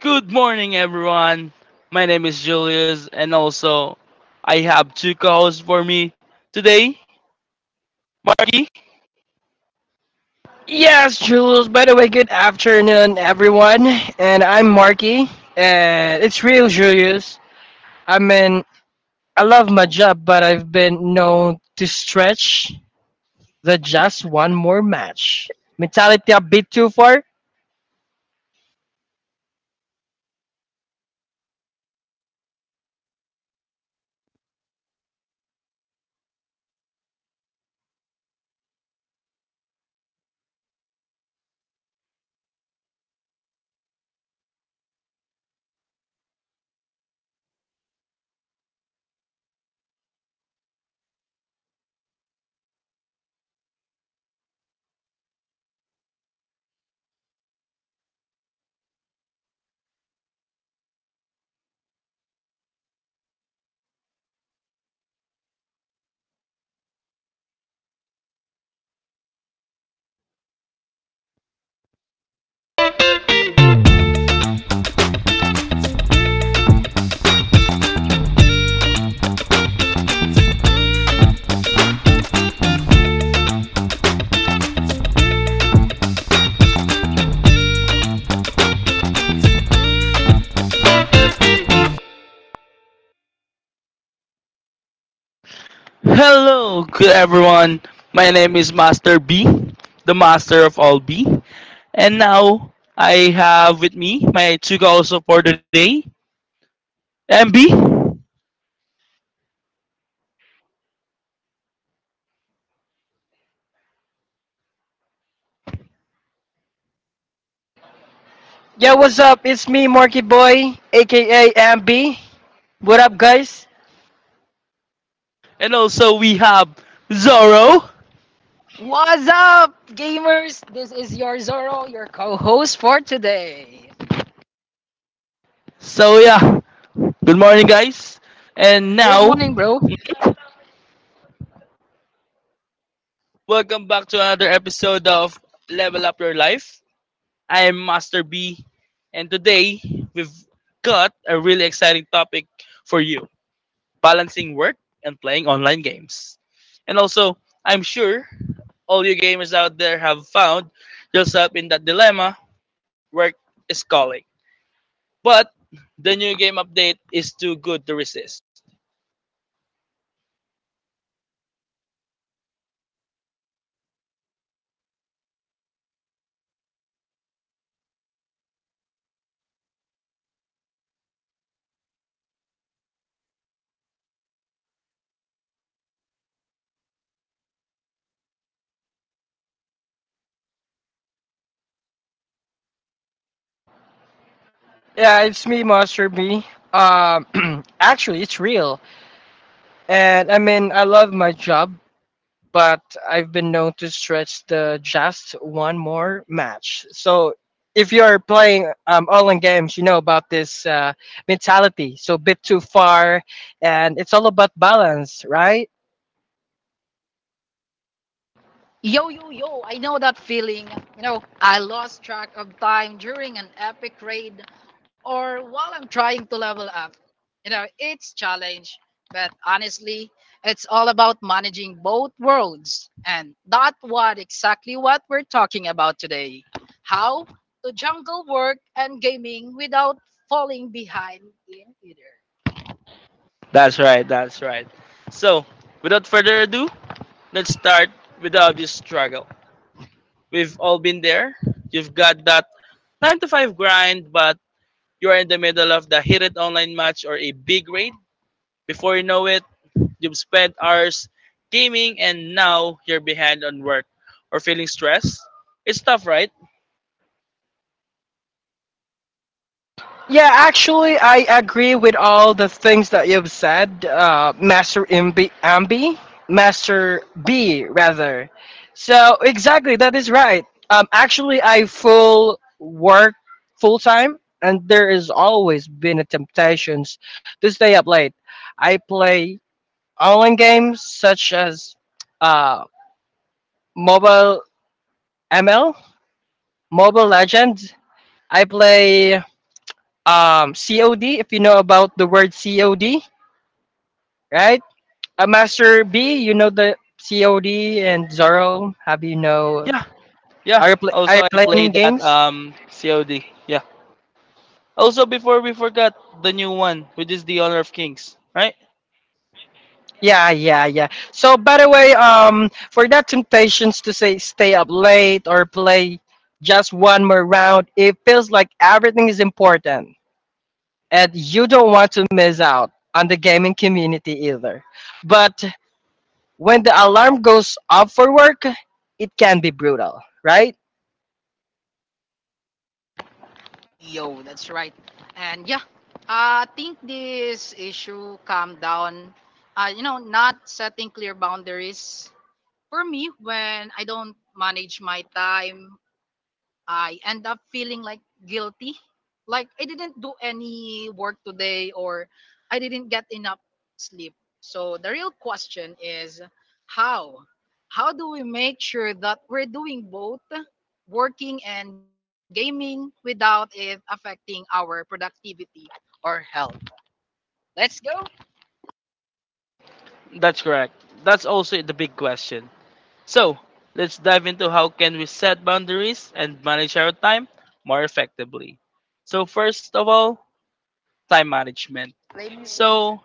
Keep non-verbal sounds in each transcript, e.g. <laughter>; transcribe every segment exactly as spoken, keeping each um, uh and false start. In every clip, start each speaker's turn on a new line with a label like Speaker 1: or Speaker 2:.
Speaker 1: Good morning, everyone. My name is Julius, and also I have two co hosts for me today. Marky.
Speaker 2: Yes, Jules. By the way, good afternoon, everyone. And I'm Marky, and it's real, Julius. I mean, I love my job, but I've been known to stretch the just one more match mentality a bit too far.
Speaker 1: Hello, good everyone. My name is Master B, the master of all B. And now I have with me my two co hosts for today, M B.
Speaker 2: Yeah, what's up? It's me, Marky Boy, aka M B. What up, guys?
Speaker 1: And also we have Zorro.
Speaker 3: What's up, gamers? This is your Zoro, your co host for today.
Speaker 1: So, yeah, good morning, guys. And now,
Speaker 3: Good morning, bro.
Speaker 1: welcome back to another episode of Level Up Your Life. I am Master B, and today we've got a really exciting topic for you balancing work and playing online games. And also, I'm sure all you gamers out there have found yourself in that dilemma work is calling. But the new game update is too good to resist.
Speaker 2: Yeah, it's me, Master B. Um, <clears throat> Actually, it's real, and I mean, I love my job, but I've been known to stretch the just one more match. So if you are playing um, online games, you know about this uh, mentality. So bit too far, and it's all about balance, right?
Speaker 3: Yo, yo, yo, I know that feeling. You know, I lost track of time during an epic raid or while I'm trying to level up. You know, it's challenge, but honestly, it's all about managing both worlds. And that's what exactly what we're talking about today. How to jungle work and gaming without falling behind in either.
Speaker 1: That's right, that's right. So, without further ado, let's start with the obvious struggle. We've all been there. You've got that nine to five grind, but you're in the middle of the heated online match or a big raid. Before you know it, you've spent hours gaming and now you're behind on work or feeling stressed. It's tough, right?
Speaker 2: Yeah, actually, I agree with all the things that you've said, uh, Master Imbi, Ambi, Master B, rather. So exactly, that is right. Um, actually, I full work full time, and there has always been a temptations to stay up late. I play online games such as uh, mobile M L, Mobile Legends. I play um, C O D, if you know about the word C O D, right? Uh, Master B, you know the C O D and Zorro. Have you know?
Speaker 1: Yeah, yeah.
Speaker 2: Are you, pl-
Speaker 1: Also,
Speaker 2: are
Speaker 1: I
Speaker 2: you
Speaker 1: played
Speaker 2: playing
Speaker 1: that
Speaker 2: games?
Speaker 1: um COD. Yeah. Also, before we forgot the new one, which is the Honor of Kings, right?
Speaker 2: Yeah, yeah, yeah. So, by the way, um, for that temptations to say stay up late or play just one more round, it feels like everything is important, and you don't want to miss out on the gaming community either. But when the alarm goes off for work, it can be brutal, right?
Speaker 3: Yo, that's right. And yeah, I think this issue calm down. Uh, you know, not setting clear boundaries. For me, when I don't manage my time, I end up feeling like guilty. Like I didn't do any work today or I didn't get enough sleep. So the real question is how? How do we make sure that we're doing both working and gaming without it affecting our productivity or health? Let's go.
Speaker 1: That's correct. That's also the big question. So let's dive into how can we set boundaries and manage our time more effectively. So first of all, time management.
Speaker 3: Play music.
Speaker 1: So,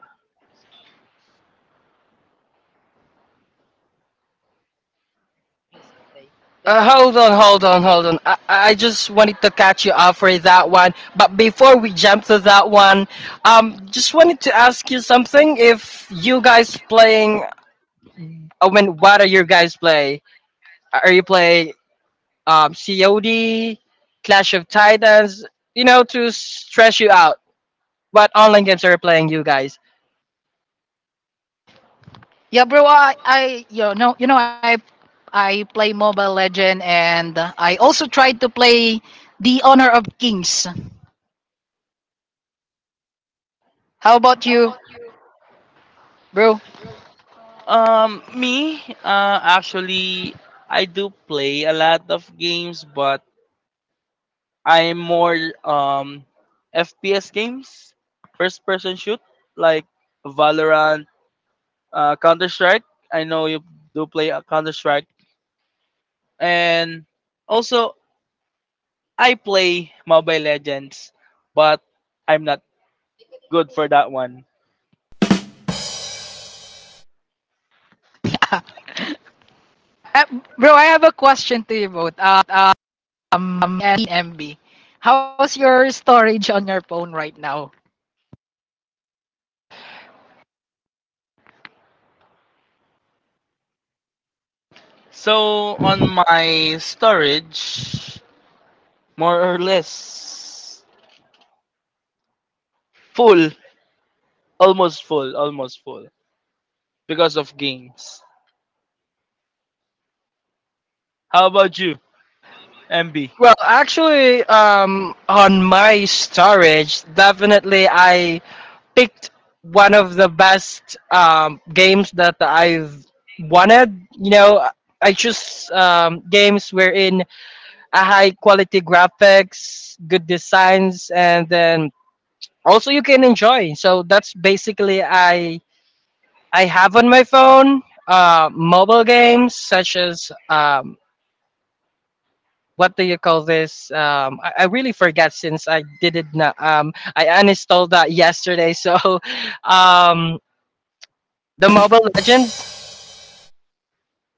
Speaker 3: Music play. Play ka
Speaker 2: Uh,
Speaker 3: ng
Speaker 2: hold
Speaker 3: music.
Speaker 2: on, hold on, hold on. I, I just wanted to catch you up for that one. But before we jump to that one, um, just wanted to ask you something. If you guys playing, I mean, what are you guys play? Are you play um, C O D, Clash of Titans? You know, to stress you out. What online games are you playing, you guys?
Speaker 3: Yeah, bro. I, I you know, you know, I I play Mobile Legend, and I also tried to play The Honor of Kings. How about you, bro?
Speaker 1: um, me, uh, actually, I do play a lot of games, but I'm more um F P S games, first person shoot like Valorant, uh, Counter Strike. I know you do play uh, Counter Strike, and also I play Mobile Legends, but I'm not good for that one.
Speaker 3: <laughs> Uh, bro, I have a question to you both. Uh, Um, and M B, how's your storage on your phone right now?
Speaker 1: So on my storage, more or less full, almost full, almost full because of games. How about you, M B?
Speaker 2: Well, actually, um, on my storage, definitely I picked one of the best um, games that I've wanted. You know, I choose um, games wherein a high quality graphics, good designs, and then also you can enjoy. So that's basically I I have on my phone uh, mobile games such as um, what do you call this? Um, I, I really forget since I did it. Not, um, I uninstalled that yesterday. <laughs> So um, the Mobile Legends.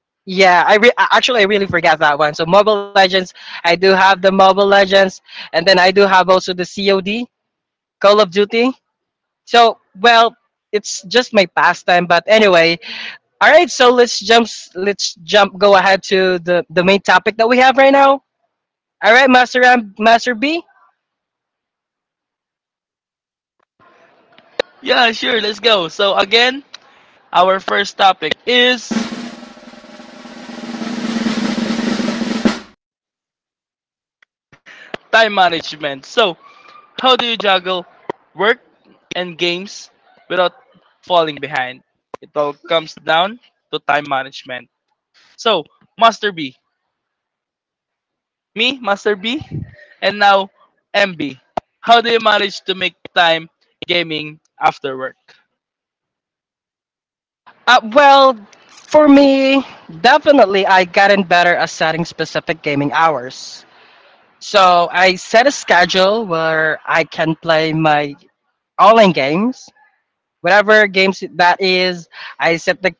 Speaker 2: Yeah, I re- I- actually I really forgot that one. So Mobile Legends, I do have the Mobile Legends, and then I do have also the C O D, Call of Duty. So well, it's just my pastime. But anyway, all right. So let's jump. s- Let's jump. Go ahead to the the main topic that we have right now. All right, Master M, Master B.
Speaker 1: Yeah, sure, let's go. So, again, our first topic is time management. So, how do you juggle work and games without falling behind? It all comes down to time management. So, Master B, me, Master B, and now M B. How do you manage to make time gaming after work?
Speaker 2: Uh, well, for me, definitely I gotten better at setting specific gaming hours. So I set a schedule where I can play my online games, whatever games that is. I set the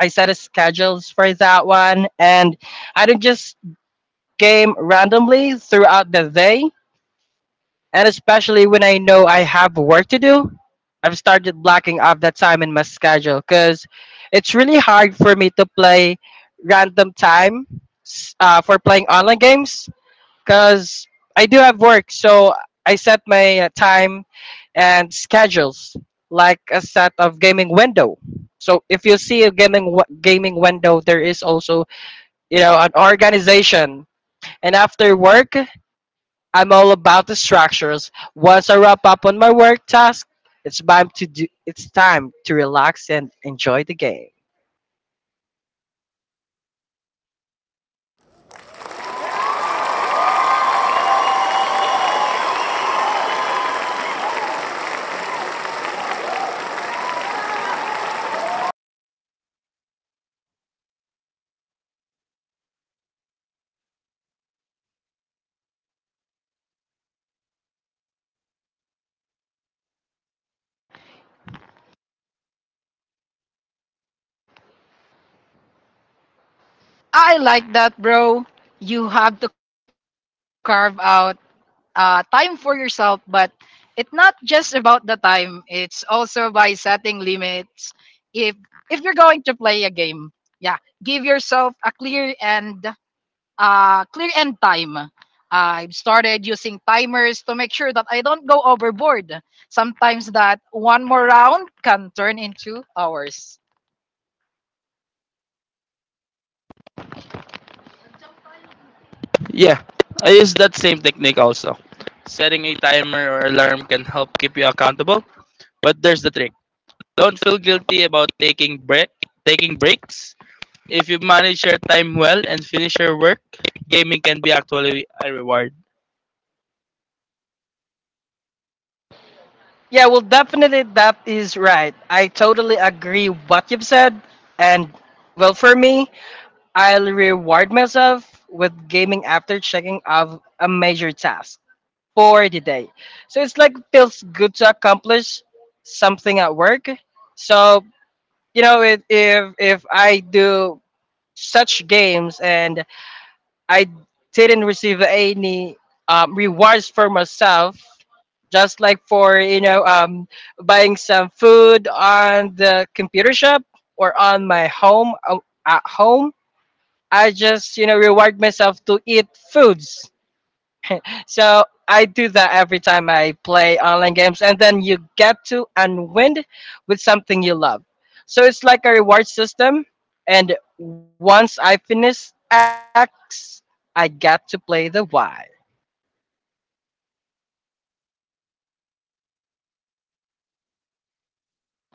Speaker 2: I set a schedules for that one, and I don't just game randomly throughout the day. And especially when I know I have work to do, I've started blocking off that time in my schedule because it's really hard for me to play random time s- uh, for playing online games because I do have work, so I set my uh, time and schedules like a set of gaming window. So if you see a gaming w- gaming window, there is also you know an organization. And after work, I'm all about the structures. Once I wrap up on my work task, it's time to do. It's time to relax and enjoy the game.
Speaker 3: I like that, bro. You have to carve out uh, time for yourself, but it's not just about the time. It's also by setting limits. If if you're going to play a game, yeah, give yourself a clear and uh, clear end time. I've started using timers to make sure that I don't go overboard. Sometimes that one more round can turn into hours.
Speaker 1: Yeah, I use that same technique also. Setting a timer or alarm can help keep you accountable, but there's the trick. Don't feel guilty about taking break taking breaks. If you manage your time well and finish your work, gaming can be actually a reward.
Speaker 2: Yeah, well, definitely that is right. I totally agree what you've said, and well, for me, I'll reward myself with gaming after checking off a major task for the day. So it's like feels good to accomplish something at work. So you know, it, if if I do such games and I didn't receive any um, rewards for myself, just like for you know um, buying some food on the computer shop or on my home uh, at home, I just, you know, reward myself to eat foods. So I do that every time I play online games. And then you get to unwind with something you love. So it's like a reward system. And once I finish X, I get to play the Y.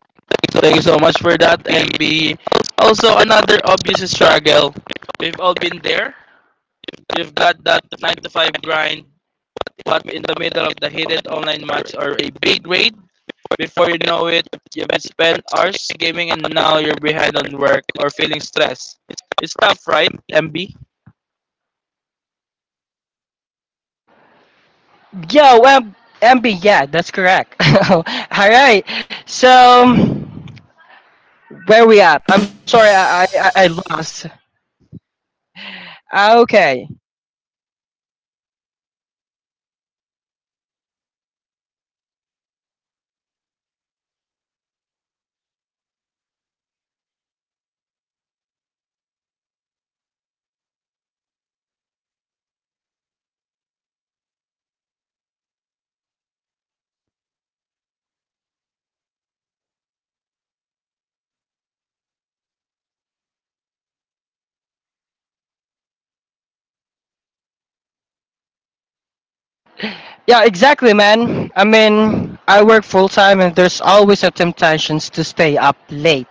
Speaker 1: So thank you so much for that, M B. Also, another obvious struggle. We've all been there. You've got that nine to five grind, but in the middle of the heated online match or a big raid. Before you know it, you've spent hours gaming and now you're behind on work or feeling stressed. It's tough, right, M B?
Speaker 2: Yo, um, M B, yeah, that's correct. <laughs> All right. So where we at? I'm sorry, I, I, I I lost. Okay. Yeah, exactly, man. I mean, I work full time, and there's always a temptations to stay up late.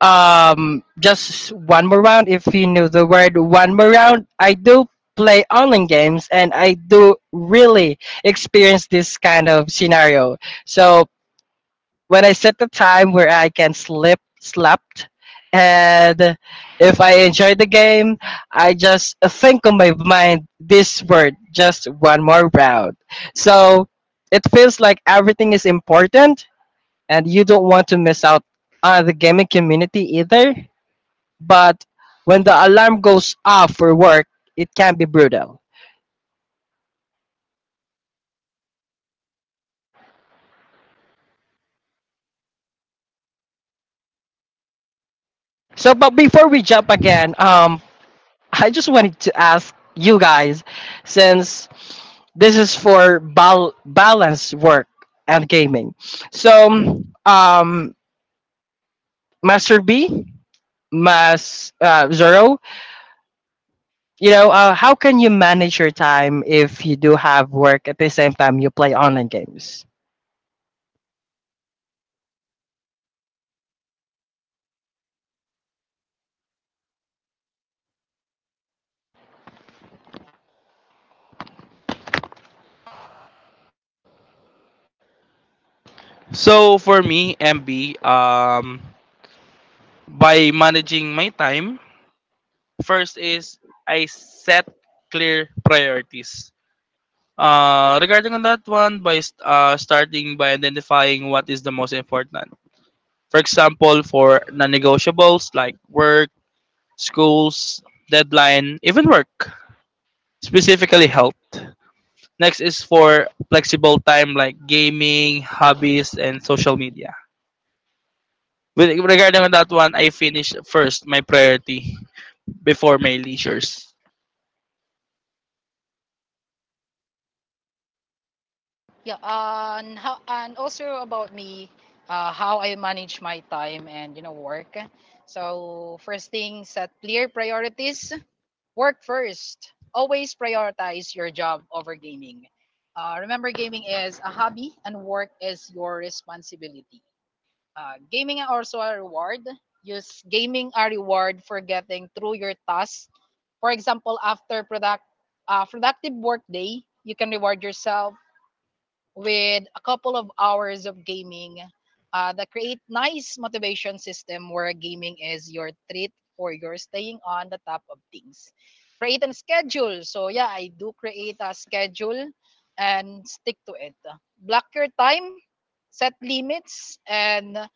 Speaker 2: Um, just one more round, if you knew the word one more round. I do play online games, and I do really experience this kind of scenario. So when I set a time where I can slip slept and if I enjoy the game, I just think on my mind this word just one more round. So it feels like everything is important and you don't want to miss out on the gaming community either. But when the alarm goes off for work, it can be brutal. So but before we jump again, um I just wanted to ask you guys, since is for bal- balance work and gaming. So, um, Master B, Mas uh, Zoro, you know, uh, how can you manage your time if you do have work at the same time you play online games?
Speaker 1: So for me, M B, um, by managing my time, first is I set clear priorities. Uh, regarding on that one, by st- uh, starting by identifying what is the most important. For example, for non-negotiables like work, schools, deadline, even work, specifically health. Next is for flexible time like gaming, hobbies, and social media. With regarding on that one, I finish first my priority before my leisures.
Speaker 3: Yeah, uh, and how and also about me, uh, how I manage my time and you know work. So first thing, set clear priorities. Work first. Always prioritize your job over gaming. Uh, remember, gaming is a hobby and work is your responsibility. Uh, gaming are also a reward. Use gaming a reward for getting through your tasks. For example, after product uh, productive work day, you can reward yourself with a couple of hours of gaming uh, that create nice motivation system where gaming is your treat for your staying on the top of things. Create a schedule, so yeah, I do create a schedule and stick to it. Block your time, set limits, and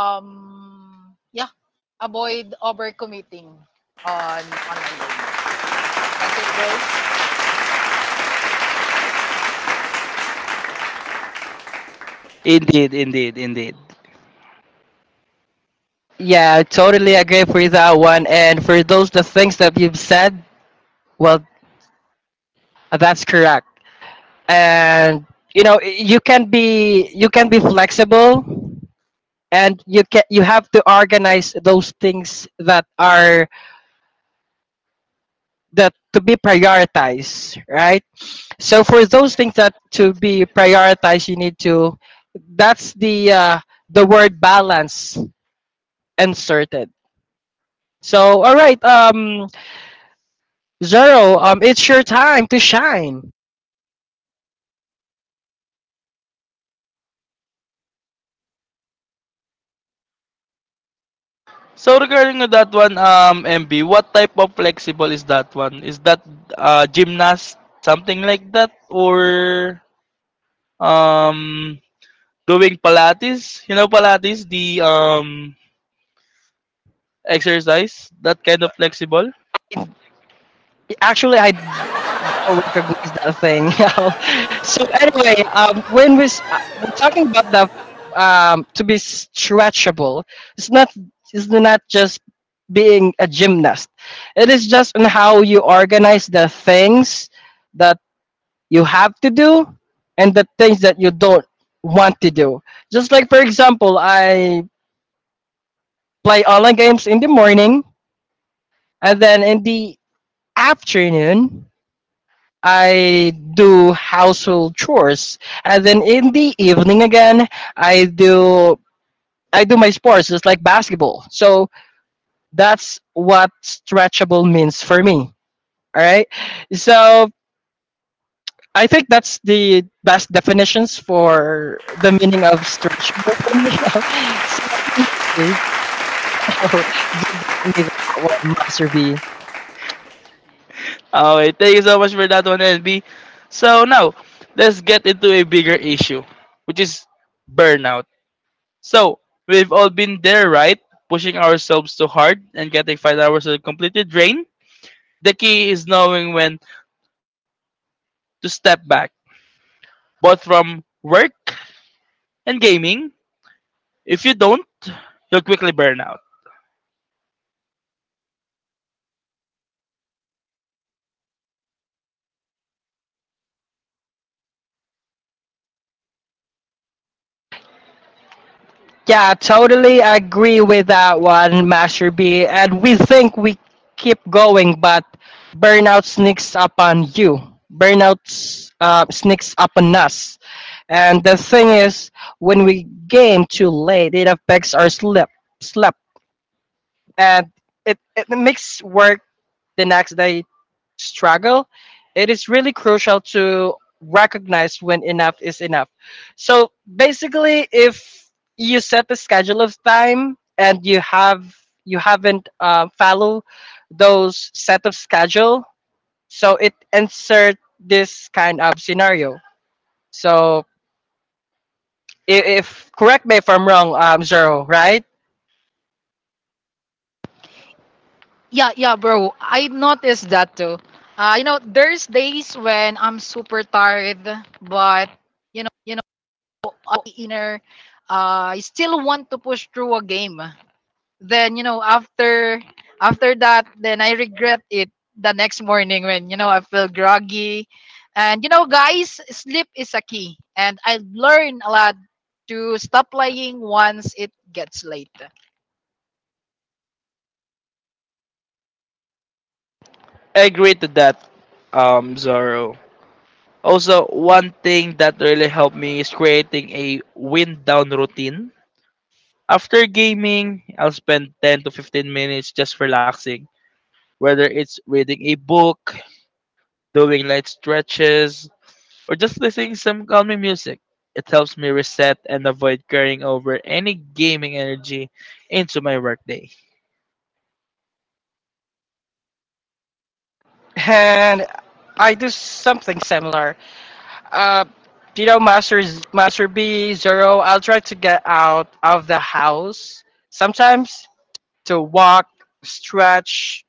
Speaker 3: um yeah, avoid overcommitting on online gaming. That's it, bro.
Speaker 1: Indeed, indeed, indeed.
Speaker 2: Yeah, I totally agree for that one. And for those the things that you've said, well, that's correct. And you know, you can be you can be flexible, and you can you have to organize those things that are that to be prioritized, right? So for those things that to be prioritized, you need to. That's the uh, the word balance inserted. So all right, um, Zero, um, it's your time to shine.
Speaker 1: So regarding on that one, um, M B, what type of flexible is that one? Is that uh, gymnast, something like that, or um, doing Pilates? You know, Pilates, the um, exercise, that kind of flexible.
Speaker 2: Actually, I don't recognize that thing. <laughs> So anyway, um, when we s- uh, we're talking about the um, to be stretchable, it's not it's not just being a gymnast. It is just on how you organize the things that you have to do and the things that you don't want to do. Just like, for example, I play online games in the morning and then in the afternoon, I do household chores. And then in the evening again, I do. I do my sports just like basketball. So that's what stretchable means for me. All right. So I think that's the best definitions for the meaning of stretchable for me. <laughs> So anyway, <laughs> you gave me that one, Master B.
Speaker 1: Alright, thank you so much for that one, L B. So now, let's get into a bigger issue, which is burnout. So, we've all been there, right? Pushing ourselves too hard and getting five hours are completely drained. The key is knowing when to step back, both from work and gaming. If you don't, you'll quickly burn out.
Speaker 2: Yeah, totally agree with that one, Master B. And we think we keep going, but burnout sneaks up on you. Burnout uh, sneaks up on us. And the thing is, when we game too late, it affects our sleep, sleep, and it, it makes work the next day struggle, it is really crucial to recognize when enough is enough. So basically, if you set a schedule of time and you have you haven't uh, follow those set of schedule, so it insert this kind of scenario. So if, if correct me if I'm wrong, um, Zero, right?
Speaker 3: Yeah, yeah, bro. I noticed that too. Uh, you know, there's days when I'm super tired, but you know, all inner, uh, I still want to push through a game. Then you know, after after that, then I regret it the next morning when you know I feel groggy. And you know, guys, sleep is a key, and I learn a lot to stop playing once it gets late.
Speaker 1: I agree to that, um, Zorro. Also, one thing that really helped me is creating a wind down routine. After gaming, I'll spend ten to fifteen minutes just relaxing, whether it's reading a book, doing light stretches, or just listening some calming music. It helps me reset and avoid carrying over any gaming energy into my workday.
Speaker 2: And I do something similar. Uh, Tito Masters, Master B, Zero. I'll try to get out of the house sometimes to walk, stretch,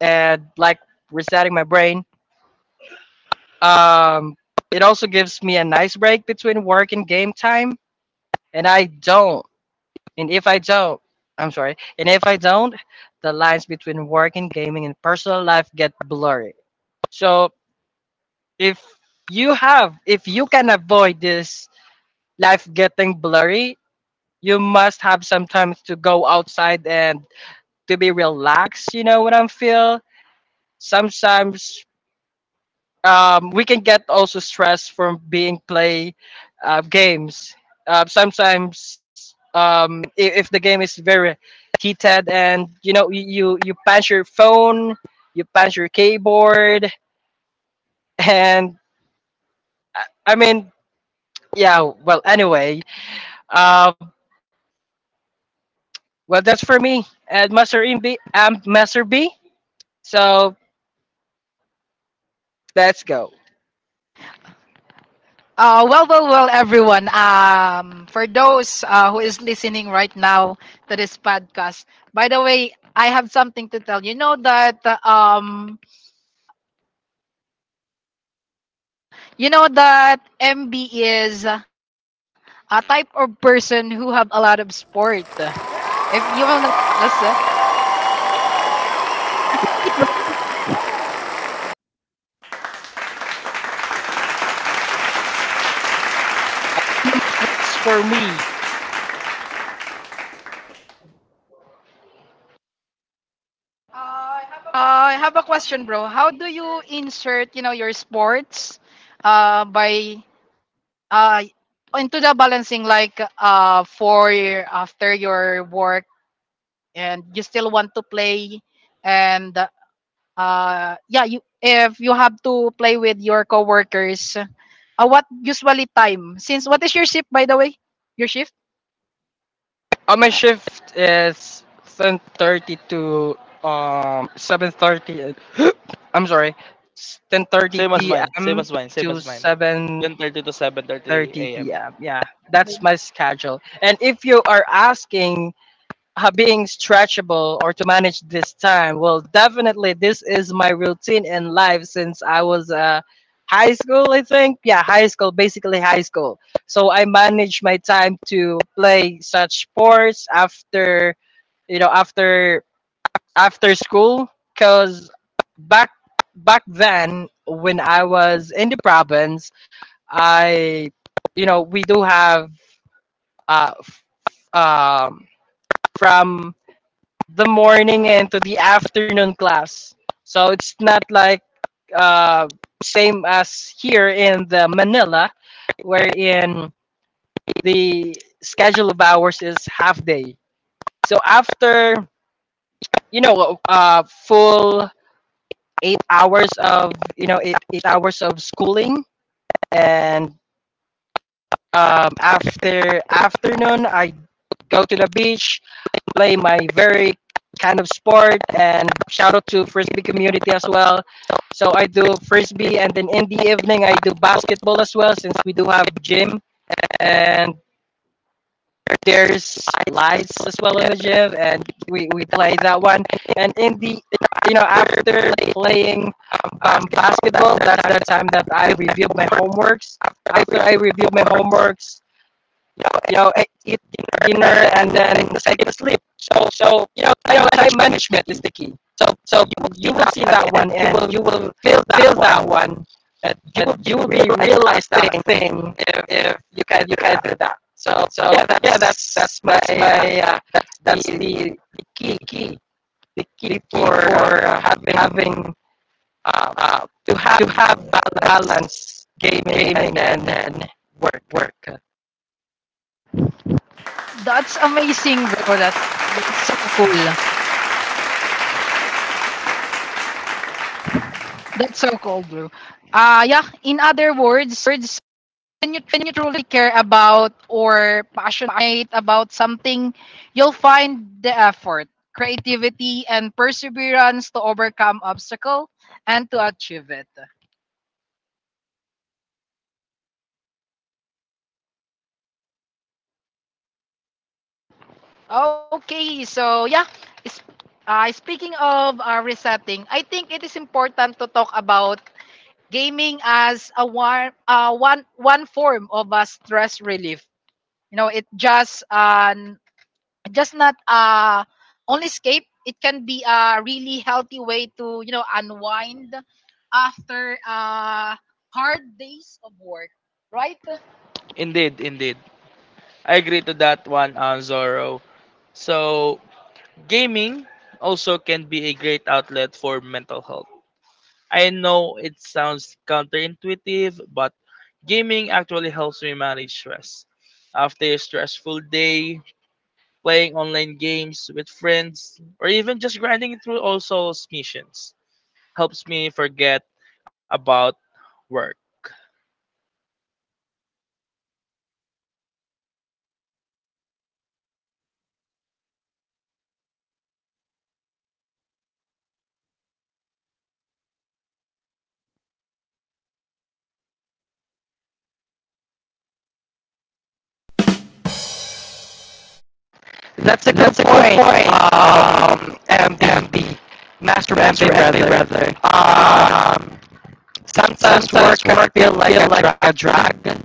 Speaker 2: and like resetting my brain. Um, it also gives me a nice break between work and game time, and I don't. And if I don't, I'm sorry. And if I don't, the lines between work and gaming and personal life get blurry. So if you have, if you can avoid this life getting blurry, you must have some time to go outside and to be relaxed, you know what I'm feel. Sometimes um, we can get also stress from being play uh, games, uh, sometimes um, if, if the game is very heated and you know you you, you punch your phone, you punch your keyboard, <laughs> and uh, I mean, yeah, well, anyway, uh, well, that's for me. And Master B, um, Master B, so let's go.
Speaker 3: Uh, well, well, well, everyone. Um, for those uh, who is listening right now to this podcast, by the way, I have something to tell you. Know that uh, um, you know that M B is uh, a type of person who have a lot of sport. If you will not ask, uh,
Speaker 2: As for me,
Speaker 3: I have a question, bro. How do you insert, you know, your sports uh, by uh, into the balancing like uh for your, after your work and you still want to play and uh yeah, you if you have to play with your coworkers, uh, what usually time since what is your shift, by the way, your shift?
Speaker 2: uh, my shift is ten thirty to um seven thirty. Uh, I'm sorry,
Speaker 1: Same
Speaker 2: 10:30
Speaker 1: as mine, same as
Speaker 2: p.m.
Speaker 1: mine, same as
Speaker 2: to
Speaker 1: mine. ten thirty to 7:30
Speaker 2: 7:30
Speaker 1: a.m.
Speaker 2: p.m. Yeah, that's my schedule. And if you are asking uh, being stretchable or to manage this time? Well, definitely, this is my routine in life since I was uh, high school, I think. Yeah, high school, basically high school. So I manage my time to play such sports after, you know, after after school because back back then when I was in the province, I, you know, we do have uh, f- um, from the morning and to the afternoon class. So it's not like uh, same as here in the Manila, wherein the schedule of hours is half day. So after you know uh, full eight hours of you know eight, eight hours of schooling and um, after afternoon I go to the beach, play my very kind of sport, and shout out to frisbee community as well. So I do frisbee, and then in the evening I do basketball as well since we do have gym, and there's lights as well in the gym, and we, we play that one. And in the you know after playing um, basketball, that's the time that I review my homeworks. After I review my homeworks, you know, you know, e- eat dinner, and then take a sleep. So, so you know, time, time management is the key. So, so you, you will see that one, and you will, you will feel that feel that one, but you, will- you will be realize that thing if, if you can you can do that. So, so yeah, that's yeah, that's, that's my, my uh, that's that's the, the key key the key for uh, having having uh, uh, to have to have balance gaming, gaming and, and work work.
Speaker 3: That's amazing, bro. that's that's so cool. That's so cool, bro. uh yeah, in other words, when you truly care about or passionate about something, you'll find the effort, creativity, and perseverance to overcome obstacle and to achieve it. Okay, so yeah, is- uh, speaking of uh, resetting, I think it is important to talk about gaming as a one, uh, one, one form of a stress relief. You know, it just uh, just not uh only escape. It can be a really healthy way to you know unwind after uh hard days of work, right?
Speaker 1: Indeed, indeed. I agree to that one, on Zorro. So gaming also can be a great outlet for mental health. I know it sounds counterintuitive, but gaming actually helps me manage stress. After a stressful day, playing online games with friends, or even just grinding through all souls missions helps me forget about work.
Speaker 2: That's a good That's a point. Good point. Point. Um, M B, Master Master rather, Brother. Um, sometimes, Sometimes work, work feel like, feel a, like drug. A drug.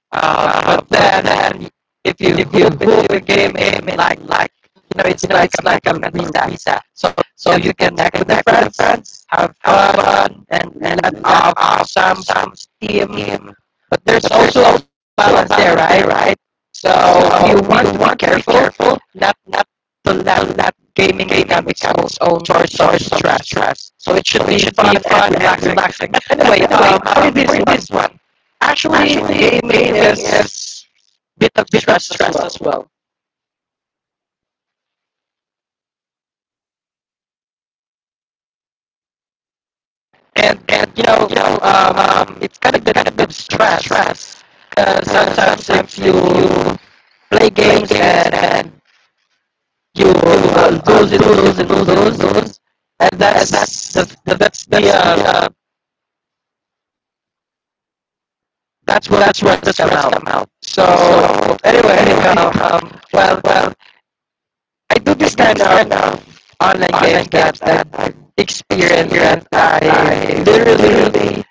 Speaker 2: Uh, but then, and if you if you move the game in like like you know it's like it's like a meta visa, so so you can connect with the friends, have fun, and and have have some some team. But there's also a balance there, right? Right. So if you want to be careful, not not to let let gaming become its own source source of stress. stress. So it should be should be fun and relaxing. Anyway, um, how did this this one? Actually, they made us bit of bit of stress as stress well. as well. And, and you know, you know um, um, it's kind of the kind of stress. stress. Uh, sometimes if sometimes if you you play play games games and, and and you you uh, lose and lose and lose and lose, and lose and and that's that's the, the that's the that's the uh, uh, that's where that's where stress come stress out. Come out. So So anyway, anyhow, <laughs> um, well, well, I do this kind of online games that I've experienced that I literally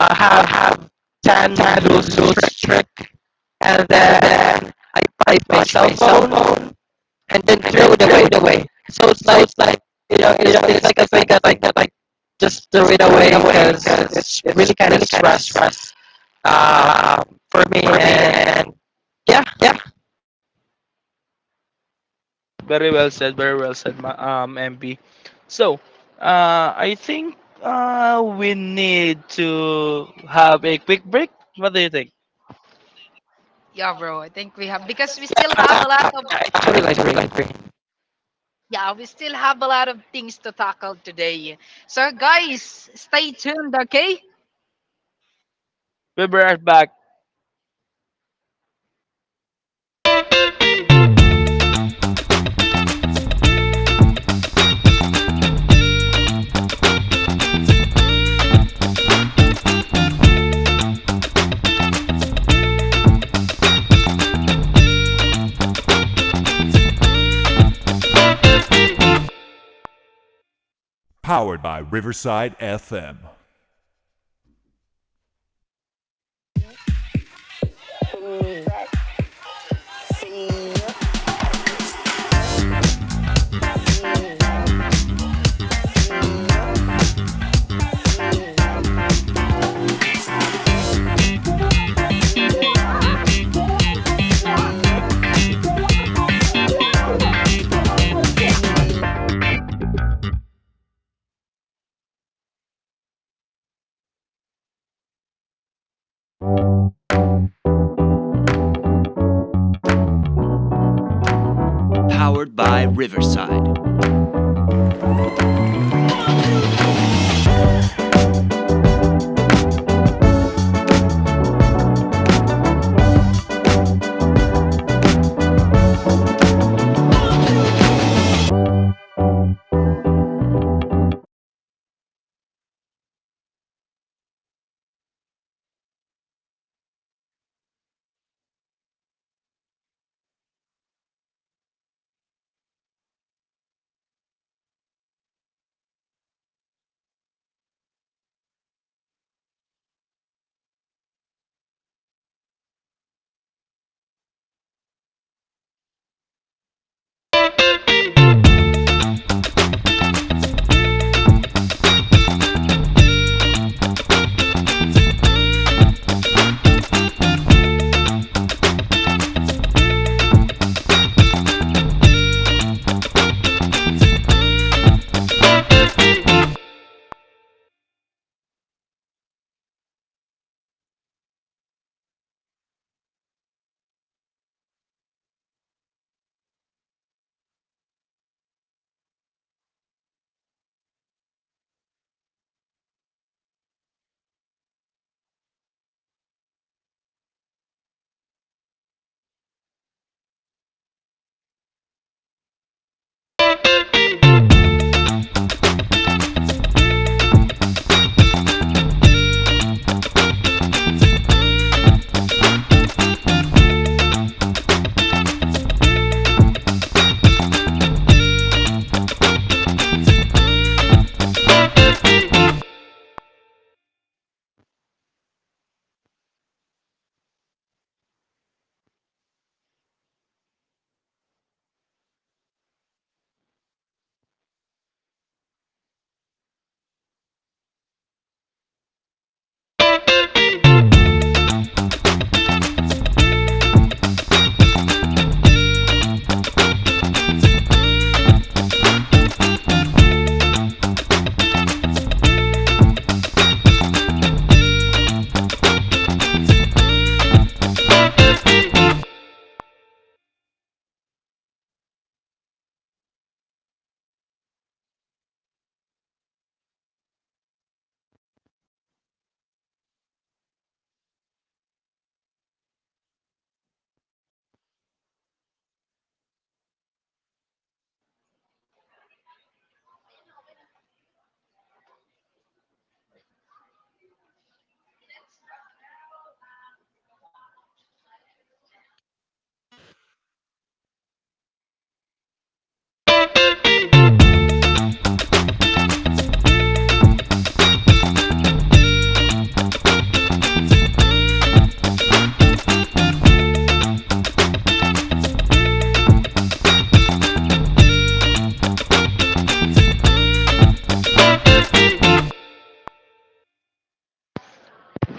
Speaker 2: uh, have have time to lose lose trick, and then I pipe my cell phone and then throw it away the way. So it's like like you know it's, it's like a thing that like that like just throw it away because it's really kind of stress stress uh, for me, and yeah, yeah.
Speaker 1: Very well said. Very well said, ma- um, M P. So, uh, I think uh, we need to have a quick break. What do you think?
Speaker 3: Yeah, bro, I think we have because we still have a lot
Speaker 2: I
Speaker 3: of.
Speaker 2: I actually like really like really.
Speaker 3: Yeah, we still have a lot of things to tackle today, so guys, stay tuned, okay.
Speaker 1: We'll be right back.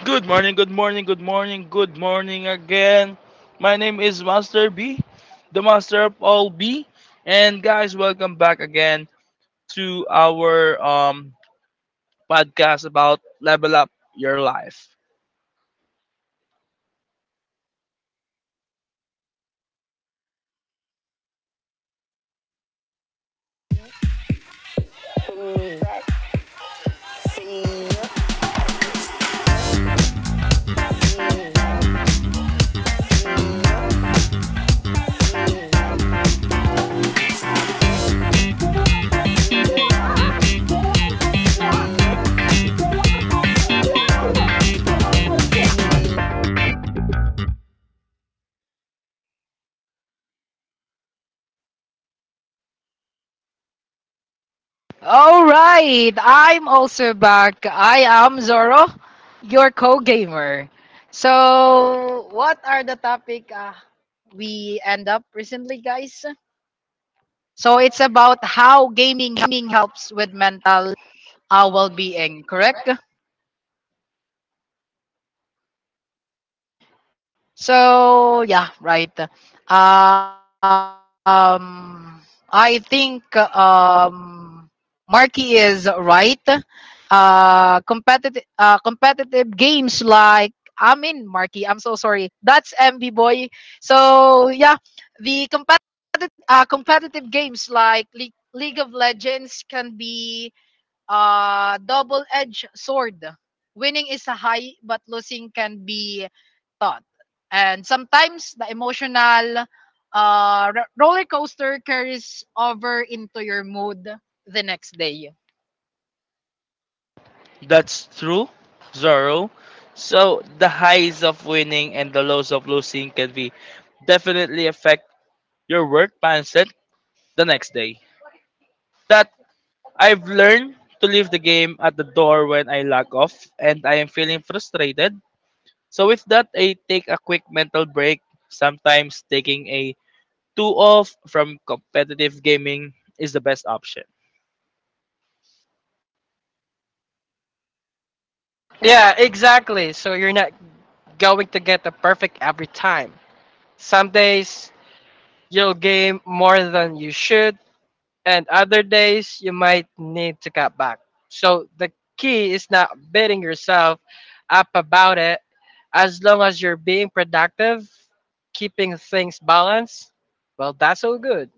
Speaker 1: Good morning, good morning, good morning, good morning again. My name is Master B, the master of all B. And guys, welcome back again to our um, podcast about Level Up Your Life.
Speaker 3: All right, I'm also back. I am Zoro, your co-gamer. So, what are the topic uh, we end up recently, guys? So, it's about how gaming helps with mental uh, well-being, correct? So yeah, right. Um, I think um, Marky is right. Uh, competitive uh, competitive games like I mean Marky, I'm so sorry. That's M B boy. So yeah, the compet uh, competitive games like Le- League of Legends can be uh, double-edged sword. Winning is a high, but losing can be taught. And sometimes the emotional uh, roller coaster carries over into your mood the next day.
Speaker 1: That's true, Zorro. So the highs of winning and the lows of losing can be definitely affect your work mindset the next day. That I've learned to leave the game at the door when I log off and I am feeling frustrated. So with that, I take a quick mental break. Sometimes taking a two off from competitive gaming is the best option.
Speaker 2: Yeah, exactly. So you're not going to get the perfect every time. Some days you'll game more than you should, and other days you might need to cut back. So the key is not beating yourself up about it. As long as you're being productive, keeping things balanced, well, that's all good.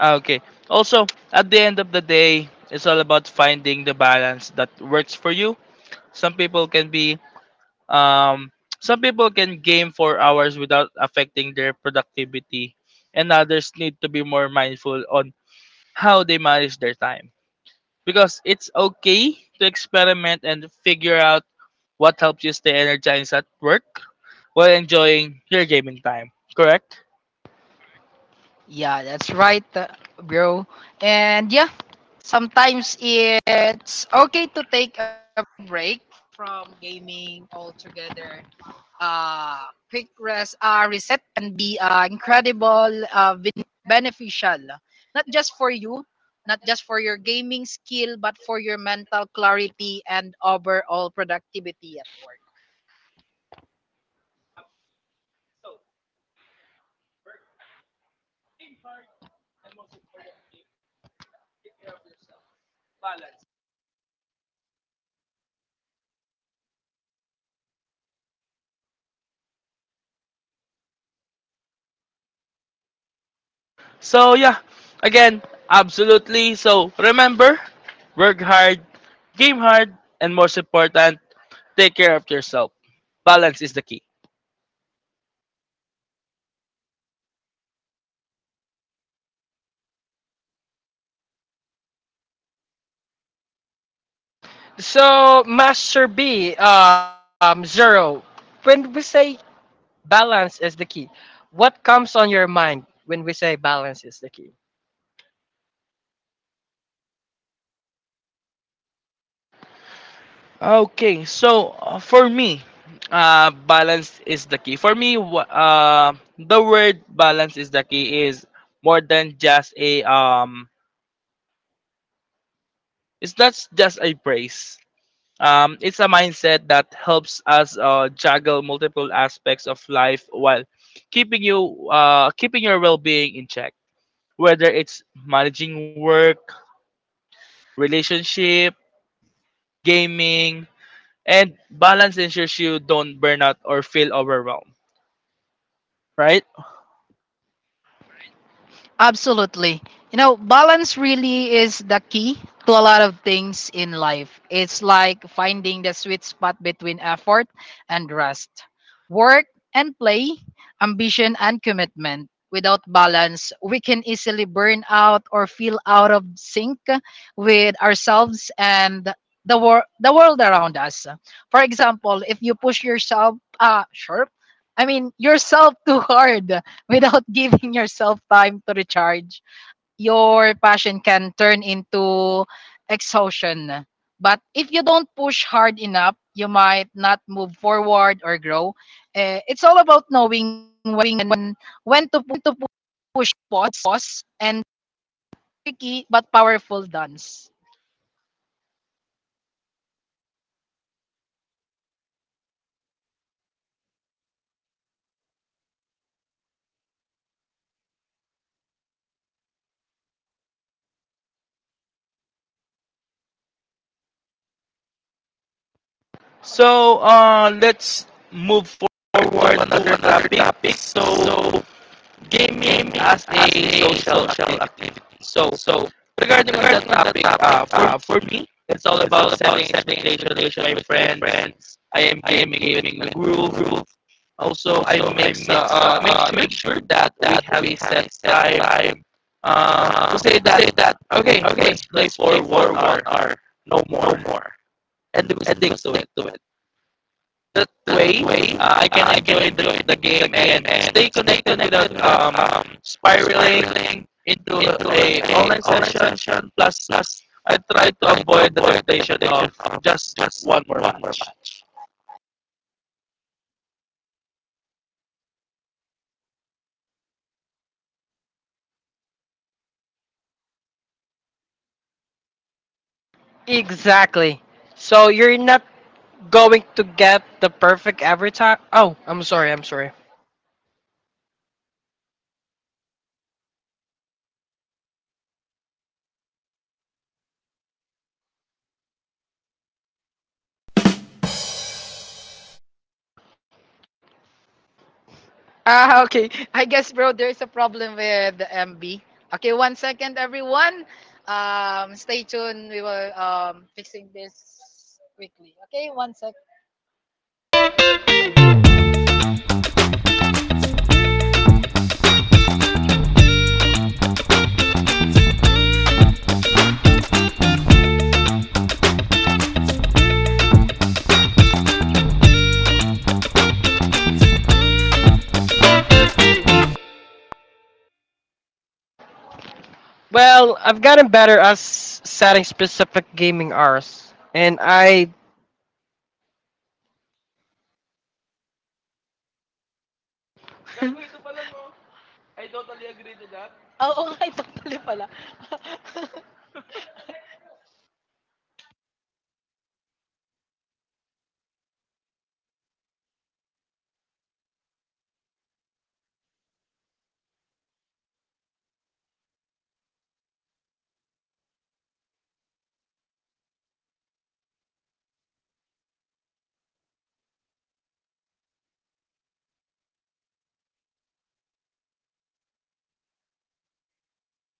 Speaker 1: Ah, okay. Also, at the end of the day, it's all about finding the balance that works for you. Some people can be um some people can game for hours without affecting their productivity, and others need to be more mindful on how they manage their time, because it's okay to experiment and figure out what helps you stay energized at work while enjoying your gaming time. Correct?
Speaker 3: Yeah, that's right, uh, bro. And yeah, sometimes it's okay to take a break from gaming altogether. uh, quick rest, uh, reset can be uh, incredible uh, vin- beneficial, not just for you, not just for your gaming skill, but for your mental clarity and overall productivity at work.
Speaker 1: So, yeah, again, absolutely. So remember, work hard, game hard, and most important, take care of yourself. Balance is the key.
Speaker 2: So, Master B, um, Zero, when we say balance is the key, what comes on your mind when we say balance is the key?
Speaker 1: Okay, so uh, for me, uh, balance is the key. For me, wh- uh, the word balance is the key is more than just a um. It's not just a praise. Um, it's a mindset that helps us uh, juggle multiple aspects of life while keeping you uh, keeping your well-being in check. Whether it's managing work, relationship, gaming, and balance ensures you don't burn out or feel overwhelmed. Right?
Speaker 3: Absolutely. You know, balance really is the key to a lot of things in life. It's like finding the sweet spot between effort and rest, work and play, ambition and commitment. Without balance, we can easily burn out or feel out of sync with ourselves and the, wor- the world around us. For example, if you push yourself uh, sharp, I mean yourself too hard, without <laughs> giving yourself time to recharge, your passion can turn into exhaustion. But if you don't push hard enough, you might not move forward or grow. Eh, it's all about knowing when when to, pu- to push pause, pause and tricky but powerful dance.
Speaker 1: So uh, let's move forward to another topic. So gaming as a social activity. So so, regarding on that topic, uh, for for me, it's all about setting expectations with my friends. I am gaming in a group. Also, I make uh, uh, make make sure that we have a set time. Uh, to say that okay, let's play for one hour, no more, and we stick to it that way, uh, I can enjoy the, the game and stay connected without um, spiraling into a online session. Plus, plus, I try to avoid the temptation of just just one more match.
Speaker 2: Exactly. So you're not going to get the perfect every time. Oh, I'm sorry. I'm sorry.
Speaker 3: Ah, <laughs> okay. I guess, bro, there's a problem with the M B. Okay, one second, everyone. Um, stay tuned. We will um fixing this quickly. Okay, one sec.
Speaker 2: Well, I've gotten better at s- setting specific gaming hours. And I.
Speaker 3: Oh, oh, <laughs> I totally pala. <laughs>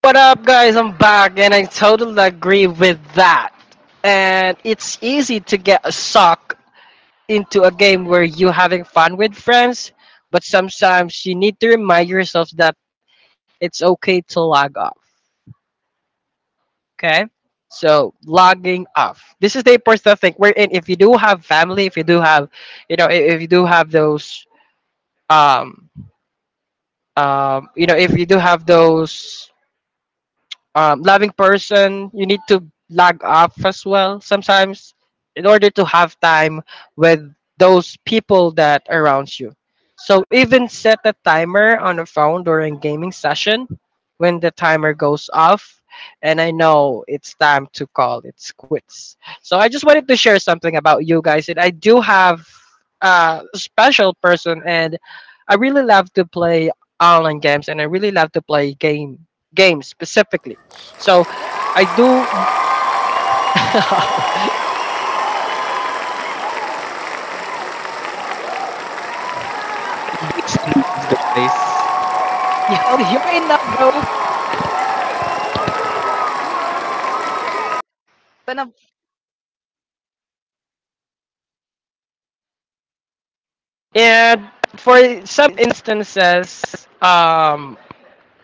Speaker 2: What up, guys? I'm back, and I totally agree with that. And it's easy to get sucked into a game where you're having fun with friends, but sometimes you need to remind yourself that it's okay to log off. Okay? So logging off, this is the personal thing. Wherein if you do have family, if you do have, you know, i- if you do have those, um, um, you know, if you do have those um, loving person, you need to log off as well sometimes in order to have time with those people that around you. So even set a timer on a phone during gaming session, when the timer goes off, and I know it's time to call it quits. So I just wanted to share something about you guys, and I do have a special person, and I really love to play online games, and I really love to play game games specifically. So I do. <laughs>
Speaker 1: Peace and love, guys.
Speaker 3: Yo, you're in love, bro. Tanab-.
Speaker 2: And for some instances, um,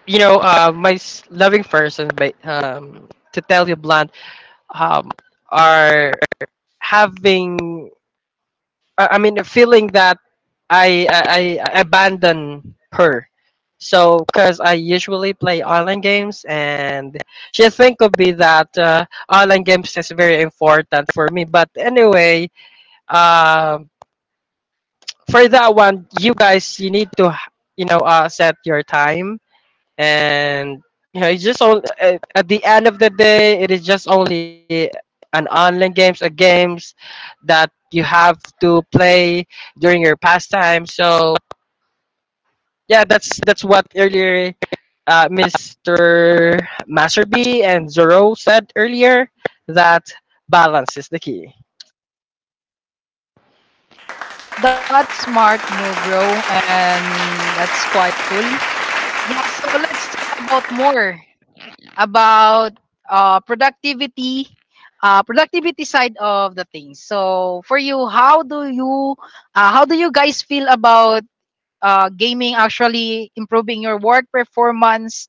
Speaker 2: you know, uh, my s- loving person, but um, to tell you blunt, um, are having, I I mean, a feeling that I I, I abandon her. So, because I usually play online games, and she think of me that uh, online games is very important for me. But anyway, um, for that one, you guys, you need to, you know, uh, set your time, and you know, it's just on, at at the end of the day, it is just only an online games, a games that you have to play during your pastime. So yeah, that's that's what earlier uh, mister Master B and Zoro said earlier, that balance is the key.
Speaker 3: That's smart move, bro, and that's quite cool. Yeah, so let's talk about more about uh, productivity, uh, productivity side of the things. So for you, how do you, uh, how do you guys feel about uh, gaming actually improving your work performance?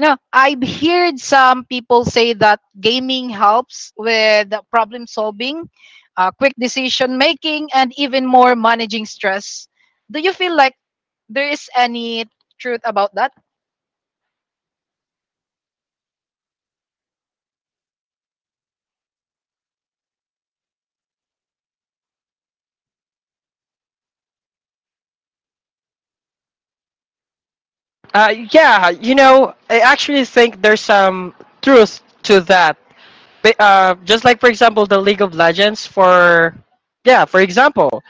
Speaker 3: You know, I've heard some people say that gaming helps with problem solving, uh, quick decision making, and even more managing stress. Do you feel like there is any truth about that?
Speaker 2: Uh, yeah, you know, I actually think there's some truth to that ba- uh, just like, for example, the League of Legends, for yeah for example,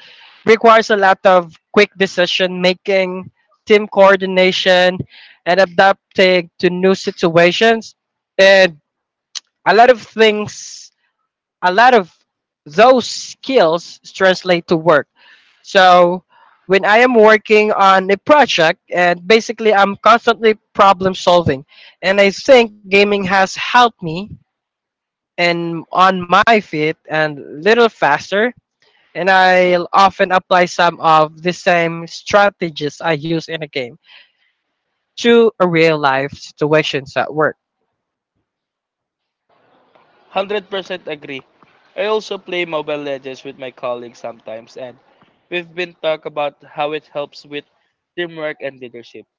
Speaker 2: requires a lot of quick decision making, team coordination, and adapting to new situations, and a lot of things. A lot of those skills translate to work. So when I am working on a project, and basically I'm constantly problem solving, and I think gaming has helped me and on my feet and little faster. And I'll often apply some of the same strategies I use in a game to a real life situations at work.
Speaker 1: one hundred percent agree. I also play Mobile Legends with my colleagues sometimes, and we've been talk about how it helps with teamwork and leadership.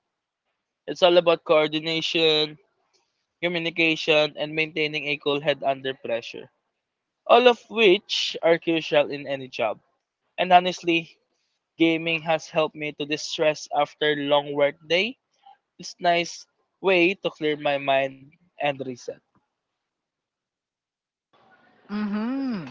Speaker 1: It's all about coordination, communication, and maintaining a cool head under pressure, all of which are crucial in any job. And honestly, gaming has helped me to distress after long work day. It's nice way to clear my mind and reset.
Speaker 3: Mm-hmm.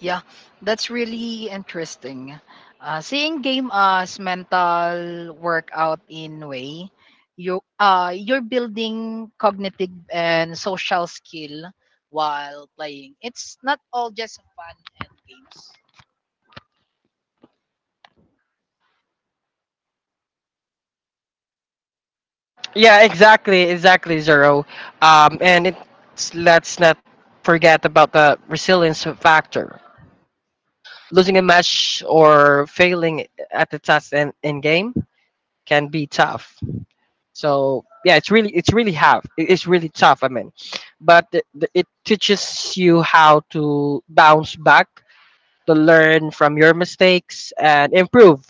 Speaker 3: Yeah, that's really interesting. Uh, seeing game uh, as mental workout in way, you uh you're building cognitive and social skill while playing. It's not all just fun and games.
Speaker 2: Yeah, exactly, exactly, Zero. Um, and it's, let's not forget about the resilience factor. Losing a match or failing at the task in, in game can be tough. So yeah, it's really it's really hard. It- it's really tough, I mean, but th- th- it teaches you how to bounce back, to learn from your mistakes and improve,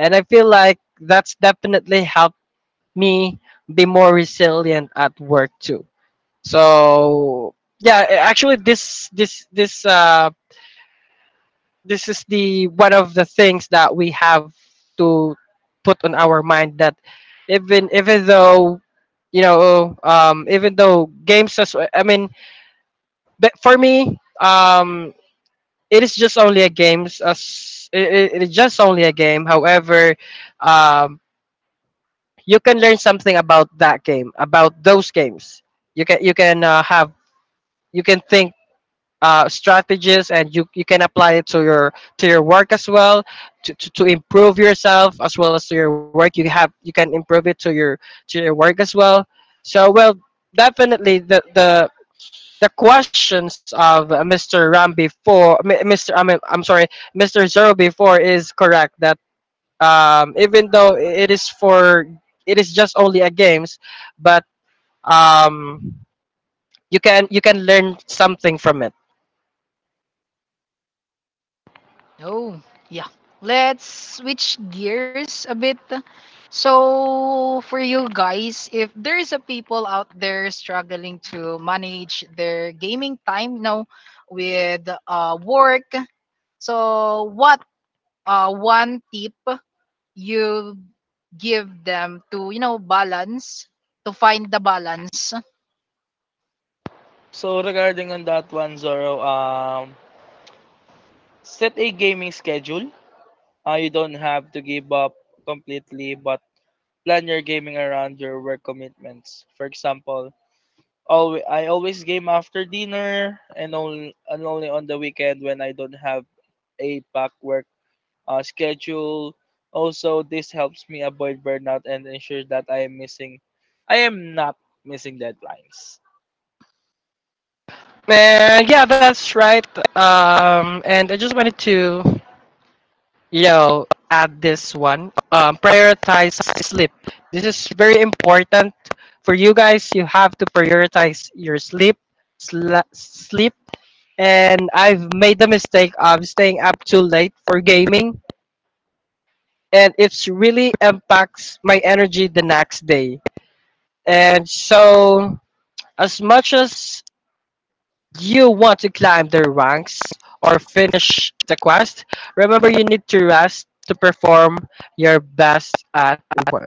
Speaker 2: and I feel like that's definitely helped me be more resilient at work too. So yeah, a- actually, this this this uh this is the one of the things that we have to put on our mind. That even even though, you know um, even though games, as I mean, but for me, um, it is just only a games, as it, it- it is just only a game. However, um, you can learn something about that game, about those games. You can you can uh, have, you can think uh, strategies, and you, you can apply it to your, to your work as well. to, to, to improve yourself as well. As to your work, you have, you can improve it to your, to your work as well. So well, definitely, the the, the questions of uh, mister ram before, M- mr., I mean, I'm sorry, mister zero before, is correct that um, even though it is for, it is just only a games, but um, you can you can learn something from it.
Speaker 3: Oh, yeah. Let's switch gears a bit. So, for you guys, if there is a people out there struggling to manage their gaming time, you know, with uh, work, so what uh, one tip you give them to, you know, balance, to find the balance.
Speaker 1: So regarding on that one, Zoro, um, set a gaming schedule. Uh, you don't have to give up completely, but plan your gaming around your work commitments. For example, Always, I always game after dinner and only and only on the weekend when I don't have a packed work uh, schedule. Also, this helps me avoid burnout and ensure that I am missing, I am not missing deadlines.
Speaker 2: Uh, yeah, that's right. Um, and I just wanted to, you know, add this one. Um, prioritize sleep. This is very important for you guys. You have to prioritize your sleep. Sla- sleep. And I've made the mistake of staying up too late for gaming, and it's really impacts my energy the next day. And so, as much as you want to climb the ranks or finish the quest, remember, you need to rest to perform your best at work.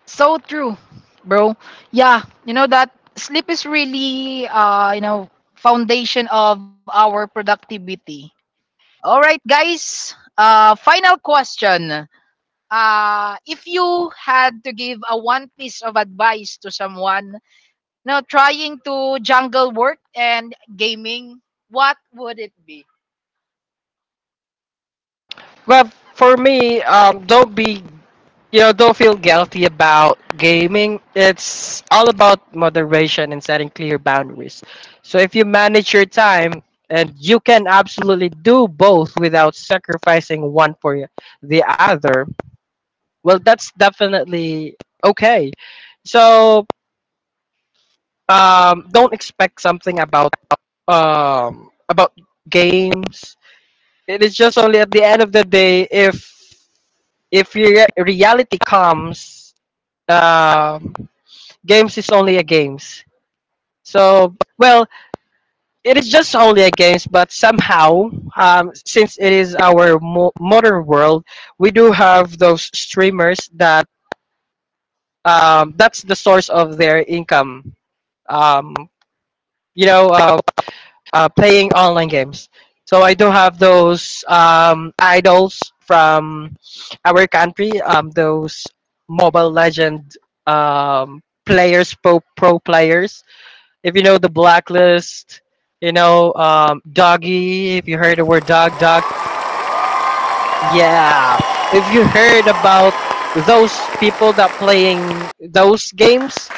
Speaker 3: So true, bro. Yeah, you know that sleep is really uh you know foundation of our productivity. All right, guys. Uh final question. Uh if you had to give a one piece of advice to someone now trying to jungle work and gaming, what would it be?
Speaker 2: Well, for me, um, don't be you know don't feel guilty about gaming. It's all about moderation and setting clear boundaries. So if you manage your time, and you can absolutely do both without sacrificing one for the other. Well, that's definitely okay. So um don't expect something about um about games. It is just only at the end of the day, if if your reality comes. um Games is only a games. So well, it is just only a games, but somehow, um since it is our mo- modern world, we do have those streamers that, um that's the source of their income, um you know uh, uh, playing online games. So I do have those um, idols from our country, um, those Mobile Legend um, players, pro, pro players. If you know the Blacklist, you know, um, Doggy. If you heard the word dog, dog. Yeah. If you heard about those people that playing those games,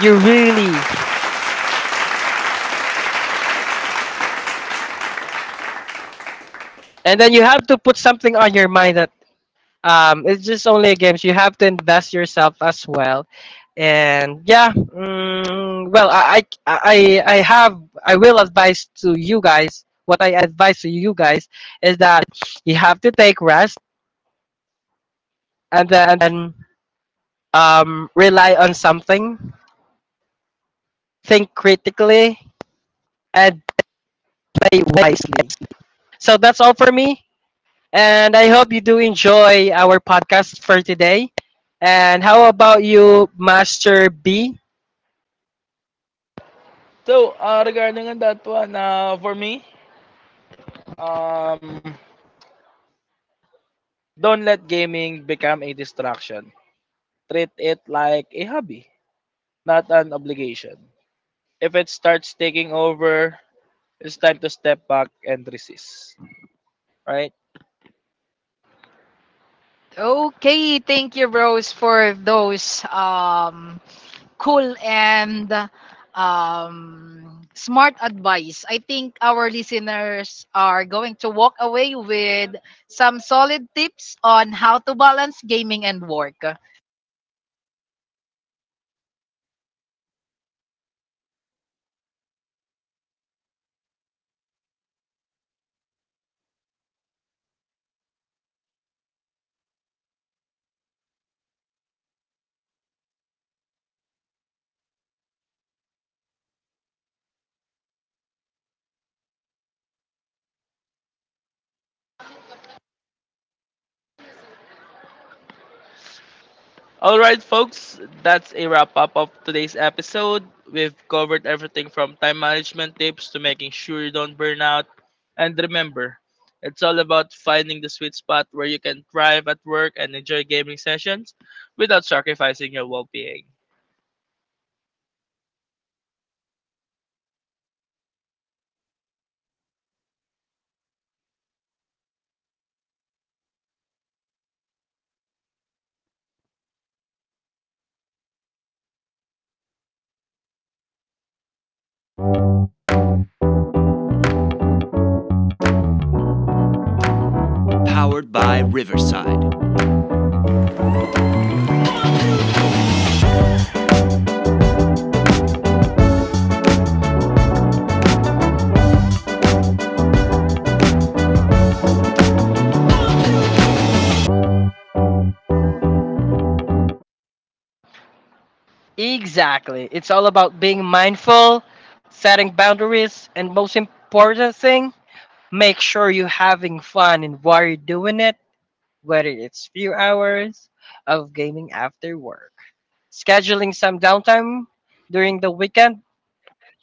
Speaker 2: you really, and then you have to put something on your mind that, um, it's just only a game. So you have to invest yourself as well. And yeah, mm, well, I, I, I I have, I will advise to you guys. What I advise to you guys is that you have to take rest, and then um, rely on something, think critically, and play wisely. So that's all for me. And I hope you do enjoy our podcast for today. And how about you, Master B?
Speaker 1: So, uh, regarding on that one, uh, for me, um, don't let gaming become a distraction. Treat it like a hobby, not an obligation. If it starts taking over, it's time to step back and resist, right?
Speaker 3: Okay, thank you, bros, for those um cool and um, smart advice. I think our listeners are going to walk away with some solid tips on how to balance gaming and work.
Speaker 1: All right, folks, that's a wrap up of today's episode. We've covered everything from time management tips to making sure you don't burn out. And remember, it's all about finding the sweet spot where you can thrive at work and enjoy gaming sessions without sacrificing your well being.
Speaker 2: Exactly. It's all about being mindful, setting boundaries, and most important thing, make sure you're having fun in while you're doing it, whether it's few hours of gaming after work. Scheduling some downtime during the weekend,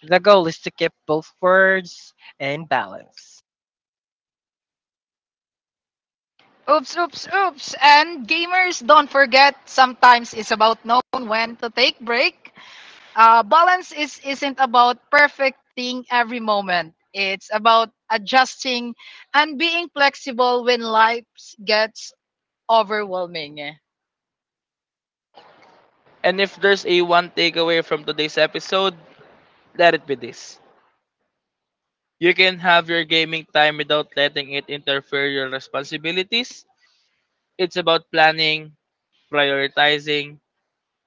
Speaker 2: the goal is to keep both words and balance.
Speaker 3: Oops, oops, oops. And gamers, don't forget, sometimes it's about knowing when to take break. Uh, balance is, isn't about perfecting every moment. It's about adjusting and being flexible when life gets overwhelming.
Speaker 1: And if there's a one takeaway from today's episode, let it be this: you can have your gaming time without letting it interfere your responsibilities. It's about planning, prioritizing,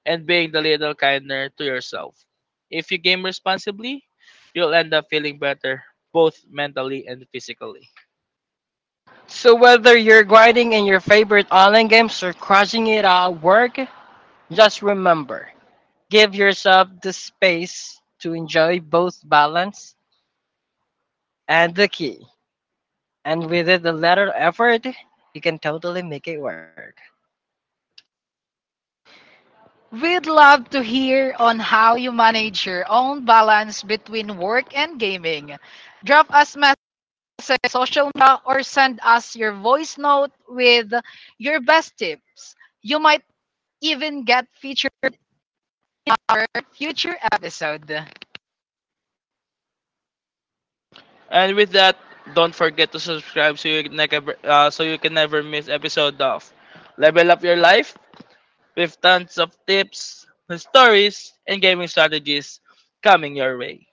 Speaker 1: and being a little kinder to yourself. If you game responsibly, you'll end up feeling better, both mentally and physically.
Speaker 2: So whether you're grinding in your favorite online games or crushing it at work, just remember, give yourself the space to enjoy both balance and the key. And with it, a little effort, you can totally make it work.
Speaker 3: We'd love to hear on how you manage your own balance between work and gaming. Drop us message on social media or send us your voice note with your best tips. You might even get featured in our future episode.
Speaker 1: And with that, don't forget to subscribe so you never uh, so you can never miss episode of Level Up Your Life with tons of tips, stories, and gaming strategies coming your way.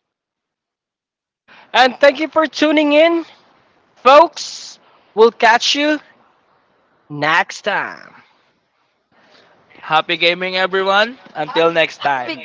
Speaker 2: And thank you for tuning in, folks. We'll catch you next time.
Speaker 1: Happy gaming, everyone! Until next time.